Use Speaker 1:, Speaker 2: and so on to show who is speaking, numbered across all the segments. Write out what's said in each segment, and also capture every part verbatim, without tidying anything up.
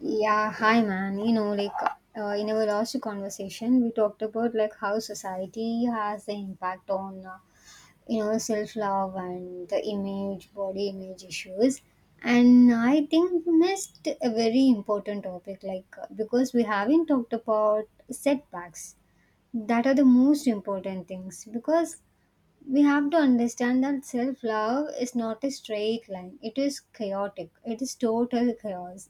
Speaker 1: Yeah, hi man. You know, like uh, in our last conversation, we talked about like how society has the impact on uh, you know self love and the image, body image issues. And I think we missed a very important topic, like uh, because we haven't talked about setbacks. That are the most important things because we have to understand that self love is not a straight line. It is chaotic. It is total chaos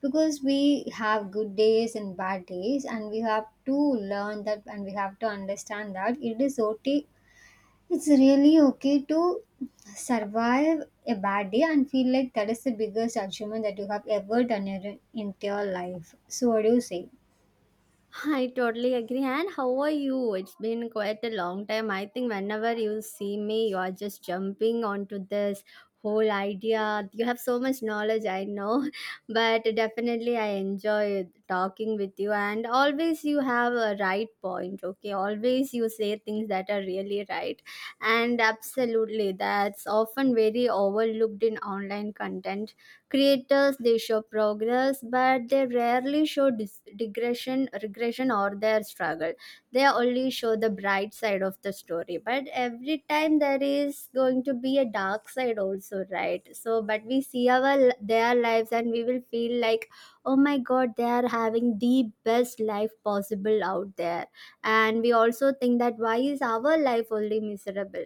Speaker 1: because we have good days and bad days, and we have to learn that, and we have to understand that it is okay, it's really okay to survive a bad day and feel like that is the biggest achievement that you have ever done in in your life. So what do you say?
Speaker 2: I totally agree. And how are you? It's been quite a long time. I think whenever you see me, you are just jumping onto this whole idea. You have so much knowledge, I know, but definitely I enjoy talking with you. And always you have a right point, okay? Always you say things that are really right. And absolutely, that's often very overlooked in online content creators. They show progress, but they rarely show dis- digression, regression, or their struggle. They only show the bright side of the story, but every time there is going to be a dark side also, right? So but we see our their lives and we will feel like, oh my god, they are having the best life possible out there. And we also think that why is our life only miserable,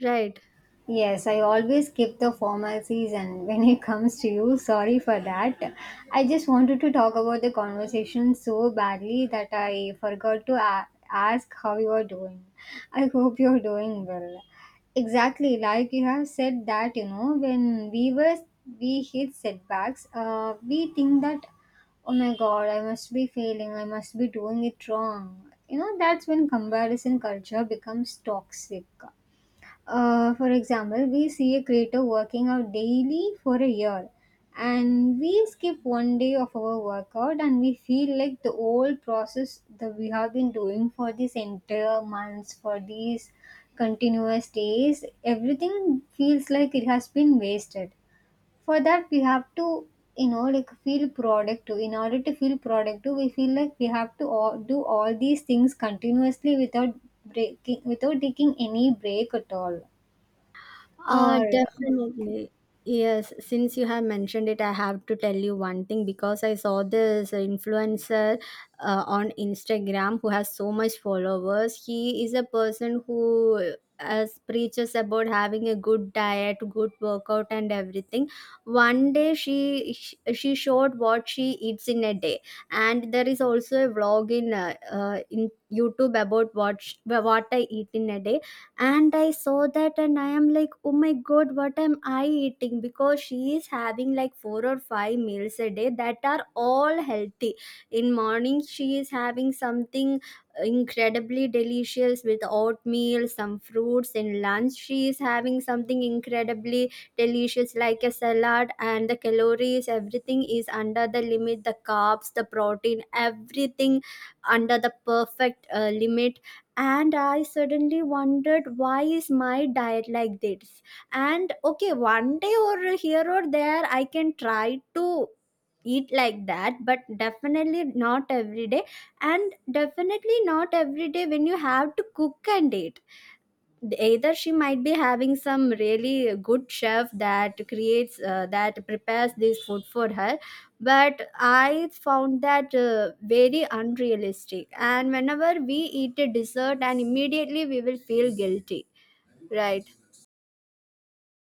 Speaker 2: right?
Speaker 1: Yes, I always skip the formalities, and when it comes to you, sorry for that. I just wanted to talk about the conversation so badly that I forgot to a- ask how you are doing. I hope you're doing well. Exactly, like you have said that, you know, when we were we hit setbacks, uh, we think that oh my god, I must be failing, I must be doing it wrong. You know, that's when comparison culture becomes toxic. Uh, for example, we see a creator working out daily for a year, and we skip one day of our workout, and we feel like the whole process that we have been doing for these entire months, for these continuous days, everything feels like it has been wasted. For that, we have to, you know, like feel productive. In order to feel productive, we feel like we have to all, do all these things continuously without breaking, without taking any break at all.
Speaker 2: Uh,
Speaker 1: Or
Speaker 2: definitely. Yes, since you have mentioned it, I have to tell you one thing because I saw this influencer uh, on Instagram who has so much followers. He is a person who as preaches about having a good diet, good workout, and everything. One day she she showed what she eats in a day. And there is also a vlog in uh, uh, in YouTube about what sh- what I eat in a day. And I saw that and I am like, oh my god, what am I eating? Because she is having like four or five meals a day that are all healthy. In morning she is having something incredibly delicious with oatmeal, some fruits. In lunch she is having something incredibly delicious like a salad. And the calories, everything is under the limit. The carbs, the protein, everything under the perfect uh, limit. And I suddenly wondered, why is my diet like this? And okay, one day or here or there I can try to eat like that, but definitely not every day. And definitely not every day when you have to cook and eat. Either she might be having some really good chef that creates uh, that prepares this food for her. But I found that uh, very unrealistic. And whenever we eat a dessert and immediately we will feel guilty, right?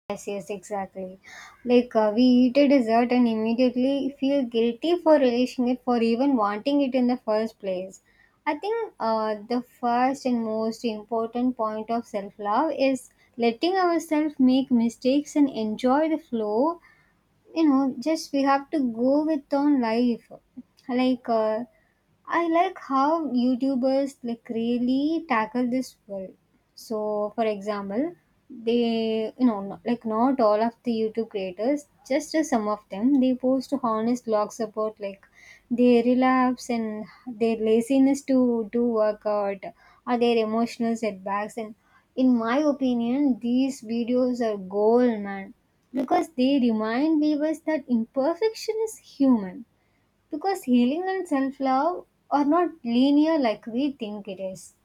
Speaker 1: yes, yes, exactly. Like uh, we eat a dessert and immediately feel guilty for relishing it, for even wanting it in the first place. I think uh, the first and most important point of self-love is letting ourselves make mistakes and enjoy the flow. You know, just we have to go with on life. Like uh, I like how YouTubers like really tackle this world. So, for example, they, you know, no- like not all of the YouTube creators, just uh, some of them, they post honest blogs about like their relapse and their laziness to do workout, or their emotional setbacks. And in my opinion, these videos are gold, man, because they remind viewers that imperfection is human, because healing and self love are not linear like we think it is.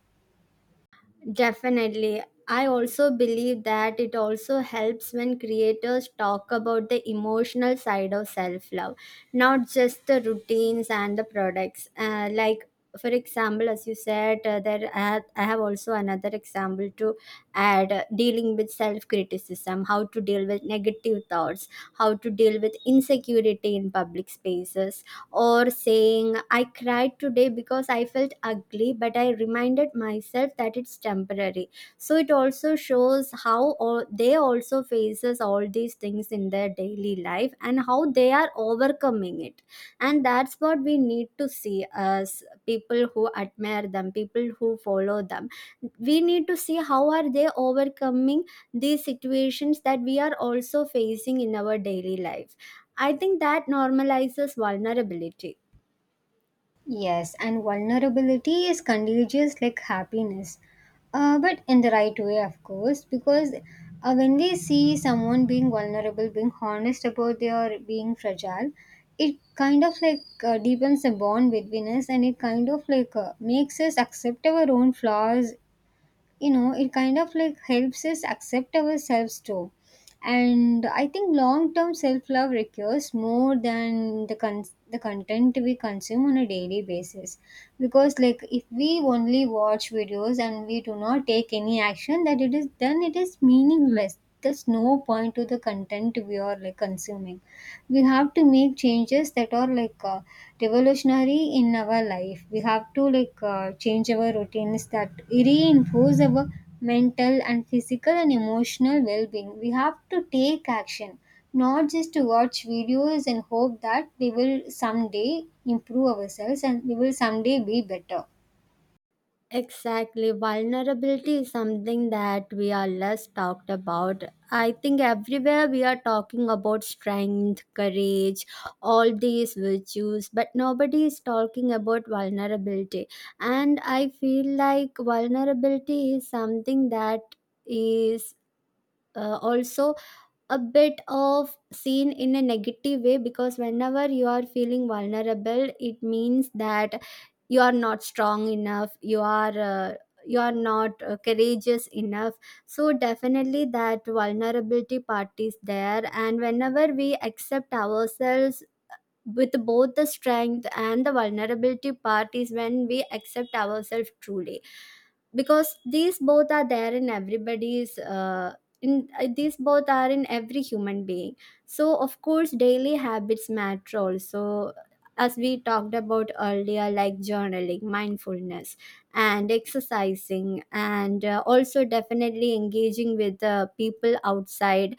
Speaker 2: Definitely. I also believe that it also helps when creators talk about the emotional side of self love, not just the routines and the products. Uh, like, for example, as you said, uh, there I have, I have also another example to add. Uh, dealing with self criticism, how to deal with negative thoughts, how to deal with insecurity in public spaces, or saying, I cried today because I felt ugly, but I reminded myself that it's temporary. So it also shows how all, they also faces all these things in their daily life and how they are overcoming it. And that's what we need to see as people who admire them, people who follow them. We need to see how are they overcoming these situations that we are also facing in our daily life. I think that normalizes vulnerability.
Speaker 1: Yes, and vulnerability is contagious like happiness, uh, but in the right way, of course, because uh, when we see someone being vulnerable, being honest about their being fragile, it kind of like uh, deepens the bond between us, and it kind of like uh, makes us accept our own flaws. You know, it kind of like helps us accept ourselves too. And I think long term self love requires more than the con- the content we consume on a daily basis, because like if we only watch videos and we do not take any action, that it is, then it is meaningless. There's no point to the content we are like consuming. We have to make changes that are like uh, revolutionary in our life. We have to like uh, change our routines that reinforce our mental and physical and emotional well-being. We have to take action, not just to watch videos and hope that we will someday improve ourselves and we will someday be better.
Speaker 2: Exactly. Vulnerability is something that we are less talked about. I think everywhere we are talking about strength, courage, all these virtues, but nobody is talking about vulnerability. And I feel like vulnerability is something that is uh, also a bit of seen in a negative way. Because whenever you are feeling vulnerable, it means that you are not strong enough you are uh, you are not uh, courageous enough. So definitely that vulnerability part is there. And whenever we accept ourselves with both the strength and the vulnerability part is when we accept ourselves truly. Because these both are there in everybody's, uh, in uh, these both are in every human being. So of course daily habits matter also, as we talked about earlier, like journaling, mindfulness, and exercising, and uh, also definitely engaging with uh, people outside,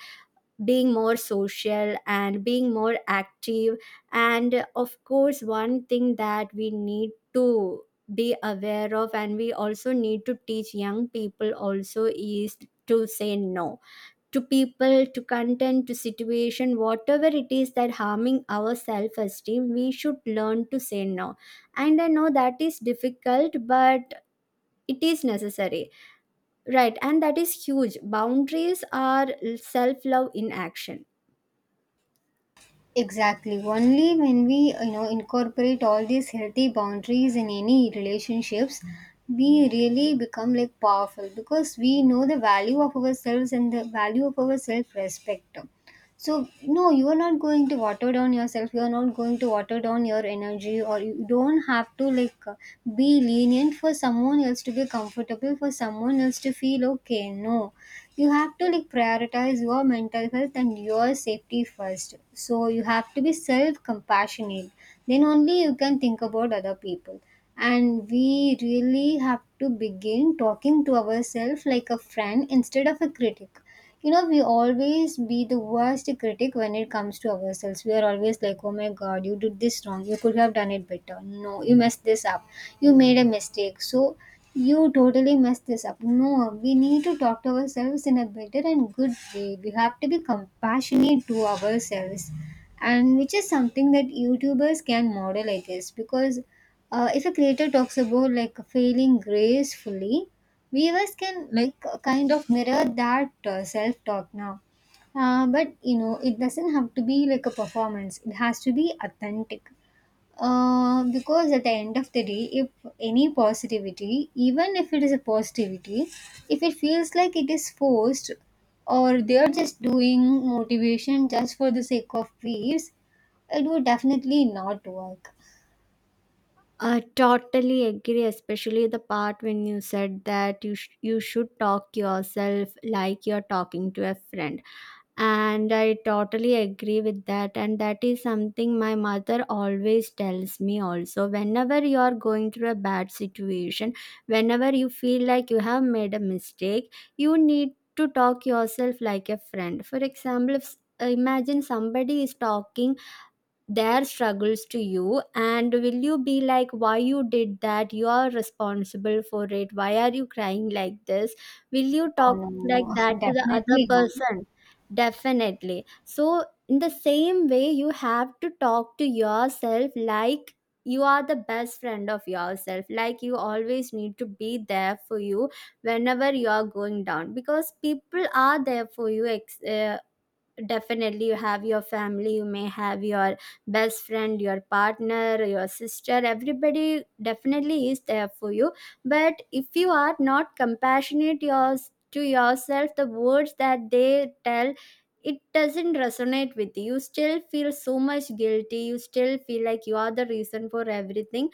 Speaker 2: being more social and being more active. And of course one thing that we need to be aware of, and we also need to teach young people also, is to say no. To people, to content, to situation, whatever it is that harming our self esteem, we should learn to say no. And I know that is difficult, but it is necessary, right? And that is huge. Boundaries are self love in action.
Speaker 1: Exactly. Only when we, you know, incorporate all these healthy boundaries in any relationships, we really become like powerful because we know the value of ourselves and the value of our self-respect. So no, you are not going to water down yourself. You are not going to water down your energy, or you don't have to like uh, be lenient for someone else to be comfortable, for someone else to feel okay. No, you have to like prioritize your mental health and your safety first. So you have to be self compassionate, then only you can think about other people. And we really have to begin talking to ourselves like a friend instead of a critic. You know, we always be the worst critic when it comes to ourselves. We are always like, oh my god, you did this wrong, you could have done it better, no, you messed this up, you made a mistake, so you totally messed this up. No, we need to talk to ourselves in a better and good way. We have to be compassionate to ourselves, and which is something that youtubers can model, I guess, because uh, if a creator talks about like failing gracefully, viewers can like kind of mirror that uh, self talk now. Uh, but you know, it doesn't have to be like a performance, it has to be authentic, uh, because at the end of the day, if any positivity, even if it is a positivity, if it feels like it is forced, or they are just doing motivation just for the sake of views, it would definitely not work.
Speaker 2: I totally agree, especially the part when you said that you sh- you should talk yourself like you're talking to a friend, and I totally agree with that. And that is something my mother always tells me. Also, whenever you are going through a bad situation, whenever you feel like you have made a mistake, you need to talk yourself like a friend. For example, if s- imagine somebody is talking their struggles to you. And will you be like, why you did that, you are responsible for it, why are you crying like this? Will you
Speaker 1: No,
Speaker 2: talk
Speaker 1: no, no.
Speaker 2: like that to the other
Speaker 1: Definitely not.
Speaker 2: person? Definitely. So in the same way you have to talk to yourself like you are the best friend of yourself. Like you always need to be there for you whenever you are going down. Because people are there for you. Ex- uh, definitely you have your family, you may have your best friend, your partner, your sister, everybody definitely is there for you. But if you are not compassionate yours to yourself, the words that they tell, it doesn't resonate with you. You still feel so much guilty, you still feel like you are the reason for everything.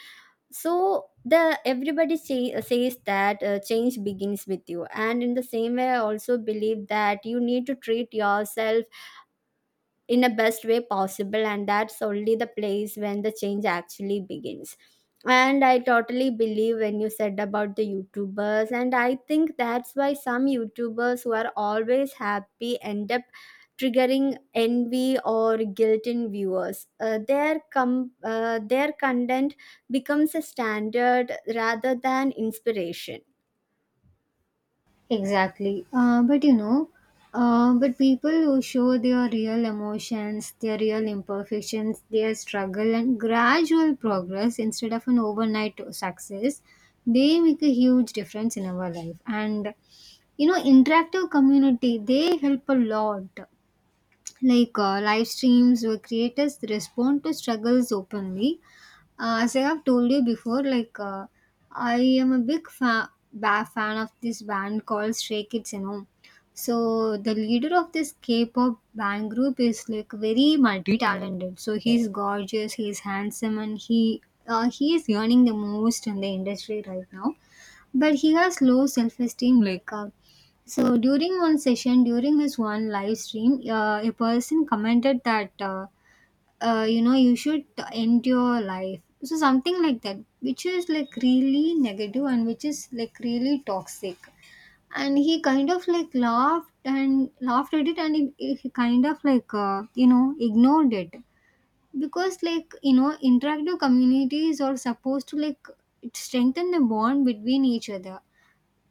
Speaker 2: So the everybody say, says that uh, change begins with you. And in the same way I also believe that you need to treat yourself in a best way possible, and that's only the place when the change actually begins. And I totally believe when you said about the YouTubers. And I think that's why some YouTubers who are always happy end up triggering envy or guilt in viewers. Uh, their com- uh, their content becomes a standard rather than inspiration.
Speaker 1: Exactly. Uh, but you know, uh, but people who show their real emotions, their real imperfections, their struggle, and gradual progress instead of an overnight success, they make a huge difference in our life. And you know, interactive community, they help a lot, like uh, live streams where creators respond to struggles openly. Uh, as I have told you before, like uh, I am a big fa- ba- fan of this band called Stray Kids, you know. So the leader of this K-pop band group is like very multi-talented. So he's gorgeous, he's handsome, and he uh, he is earning the most in the industry right now, but he has low self-esteem. like uh, so during one session, during his one live stream, uh, a person commented that uh, uh, you know, you should end your life, so something like that, which is like really negative and which is like really toxic. And he kind of like laughed and laughed at it, and he, he kind of like uh, you know, ignored it, because like you know interactive communities are supposed to like strengthen the bond between each other.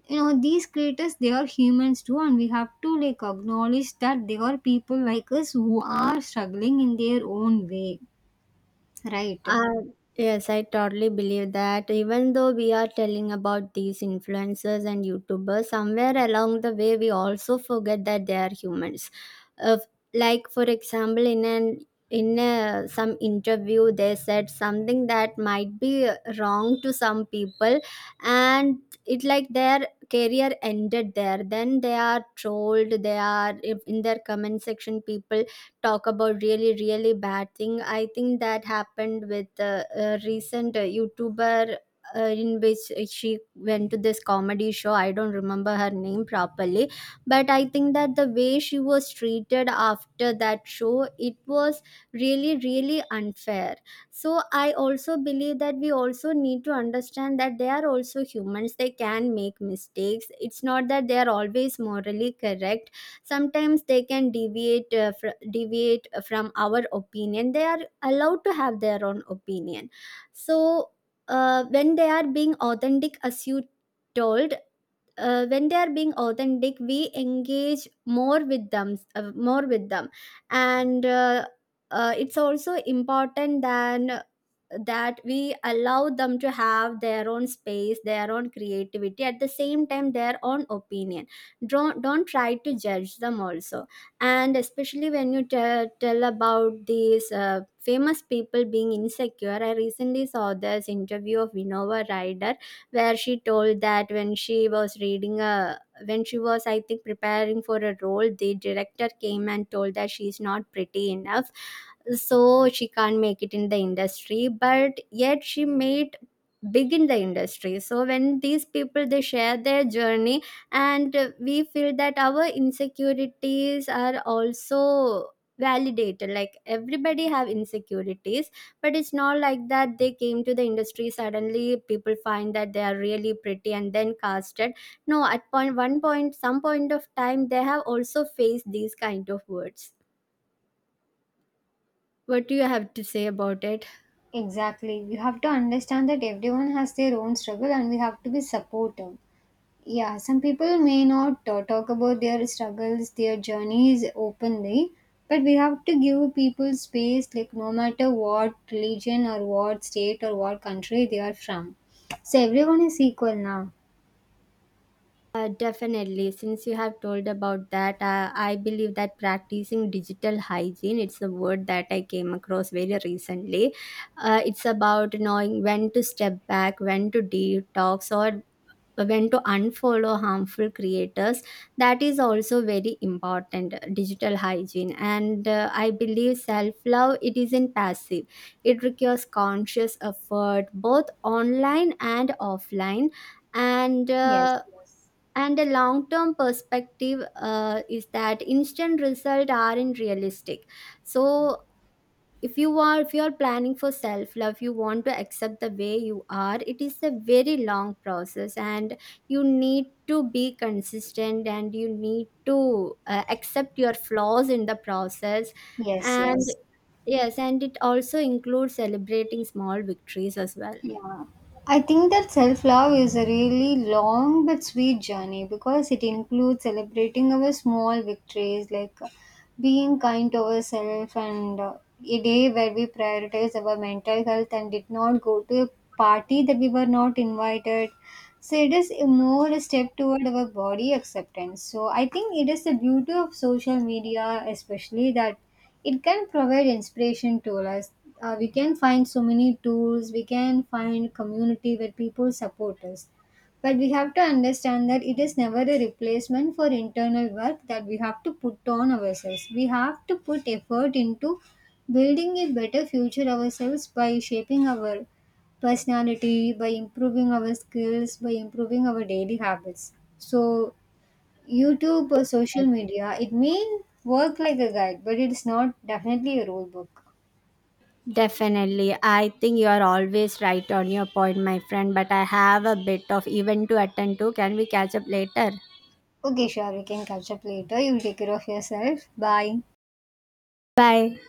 Speaker 1: You know, these creators, they are humans too, and we have to like acknowledge that they are people like us who are struggling in their own way, right?
Speaker 2: Uh, yes, I totally believe that. Even though we are telling about these influencers and YouTubers, somewhere along the way, we also forget that they are humans. Uh, like for example, in an in a, some interview, they said something that might be wrong to some people, and it like their career ended there. Then they are trolled. They are If in their comment section, people talk about really really bad thing. I think that happened with uh, a recent uh, YouTuber uh, in which she went to this comedy show. I don't remember her name properly, but I think that the way she was treated after that show, it was really really unfair. So I also believe that we also need to understand that they are also humans, they can make mistakes. It's not that they are always morally correct. Sometimes they can deviate uh, fr- deviate from our opinion. They are allowed to have their own opinion. So uh, when they are being authentic, as you told, uh, when they are being authentic, we engage more with them, uh, more with them And uh, uh, it's also important than uh, that we allow them to have their own space, their own creativity, at the same time their own opinion. Don't don't try to judge them also. And especially when you te- tell about these uh, famous people being insecure, I recently saw this interview of Vinova Ryder, where she told that when she was reading a when she was, I think, preparing for a role, the director came and told that she's not pretty enough, so she can't make it in the industry. But yet she made big in the industry. So when these people, they share their journey, and uh, we feel that our insecurities are also validated. Like everybody have insecurities. But it's not like that they came to the industry suddenly, people find that they are really pretty and then casted. No, at point one point, some point of time, they have also faced these kind of words. What do you have to say about it?
Speaker 1: Exactly. You have to understand that everyone has their own struggle and we have to be supportive. Yeah, some people may not uh, talk about their struggles, their journeys openly, but we have to give people space, like no matter what religion or what state or what country they are from. So everyone is equal now.
Speaker 2: Uh, definitely, since you have told about that, uh, I believe that practicing digital hygiene, it's a word that I came across very recently. Uh, it's about knowing when to step back, when to detox, or when to unfollow harmful creators. That is also very important, uh, digital hygiene. And uh, I believe self love it isn't passive it requires conscious effort both online and offline and
Speaker 1: Yes,
Speaker 2: uh,
Speaker 1: yes.
Speaker 2: and a long term perspective uh, is that instant results aren't realistic. So if you are if you are planning for self love, you want to accept the way you are, it is a very long process. And you need to be consistent, and you need to uh, accept your flaws in the process.
Speaker 1: Yes,
Speaker 2: And
Speaker 1: yes.
Speaker 2: yes, and it also includes celebrating small victories as well.
Speaker 1: Yeah. I think that self love is a really long but sweet journey because it includes celebrating our small victories, like uh, being kind to ourselves, and uh, a day where we prioritize our mental health and did not go to a party that we were not invited. So it is a more a step toward our body acceptance. So I think it is the beauty of social media, especially that it can provide inspiration to us. Uh, we can find so many tools, we can find community where people support us, but we have to understand that it is never a replacement for internal work that we have to put on ourselves. We have to put effort into building a better future ourselves by shaping our personality, by improving our skills, by improving our daily habits. So YouTube or social media, it may work like a guide, but it's not definitely a rule book.
Speaker 2: Definitely. I think you are always right on your point, my friend, but I have a bit of event to attend to. Can we catch up later?
Speaker 1: Okay, sure, we can catch up later. You take care of yourself. Bye.
Speaker 2: Bye.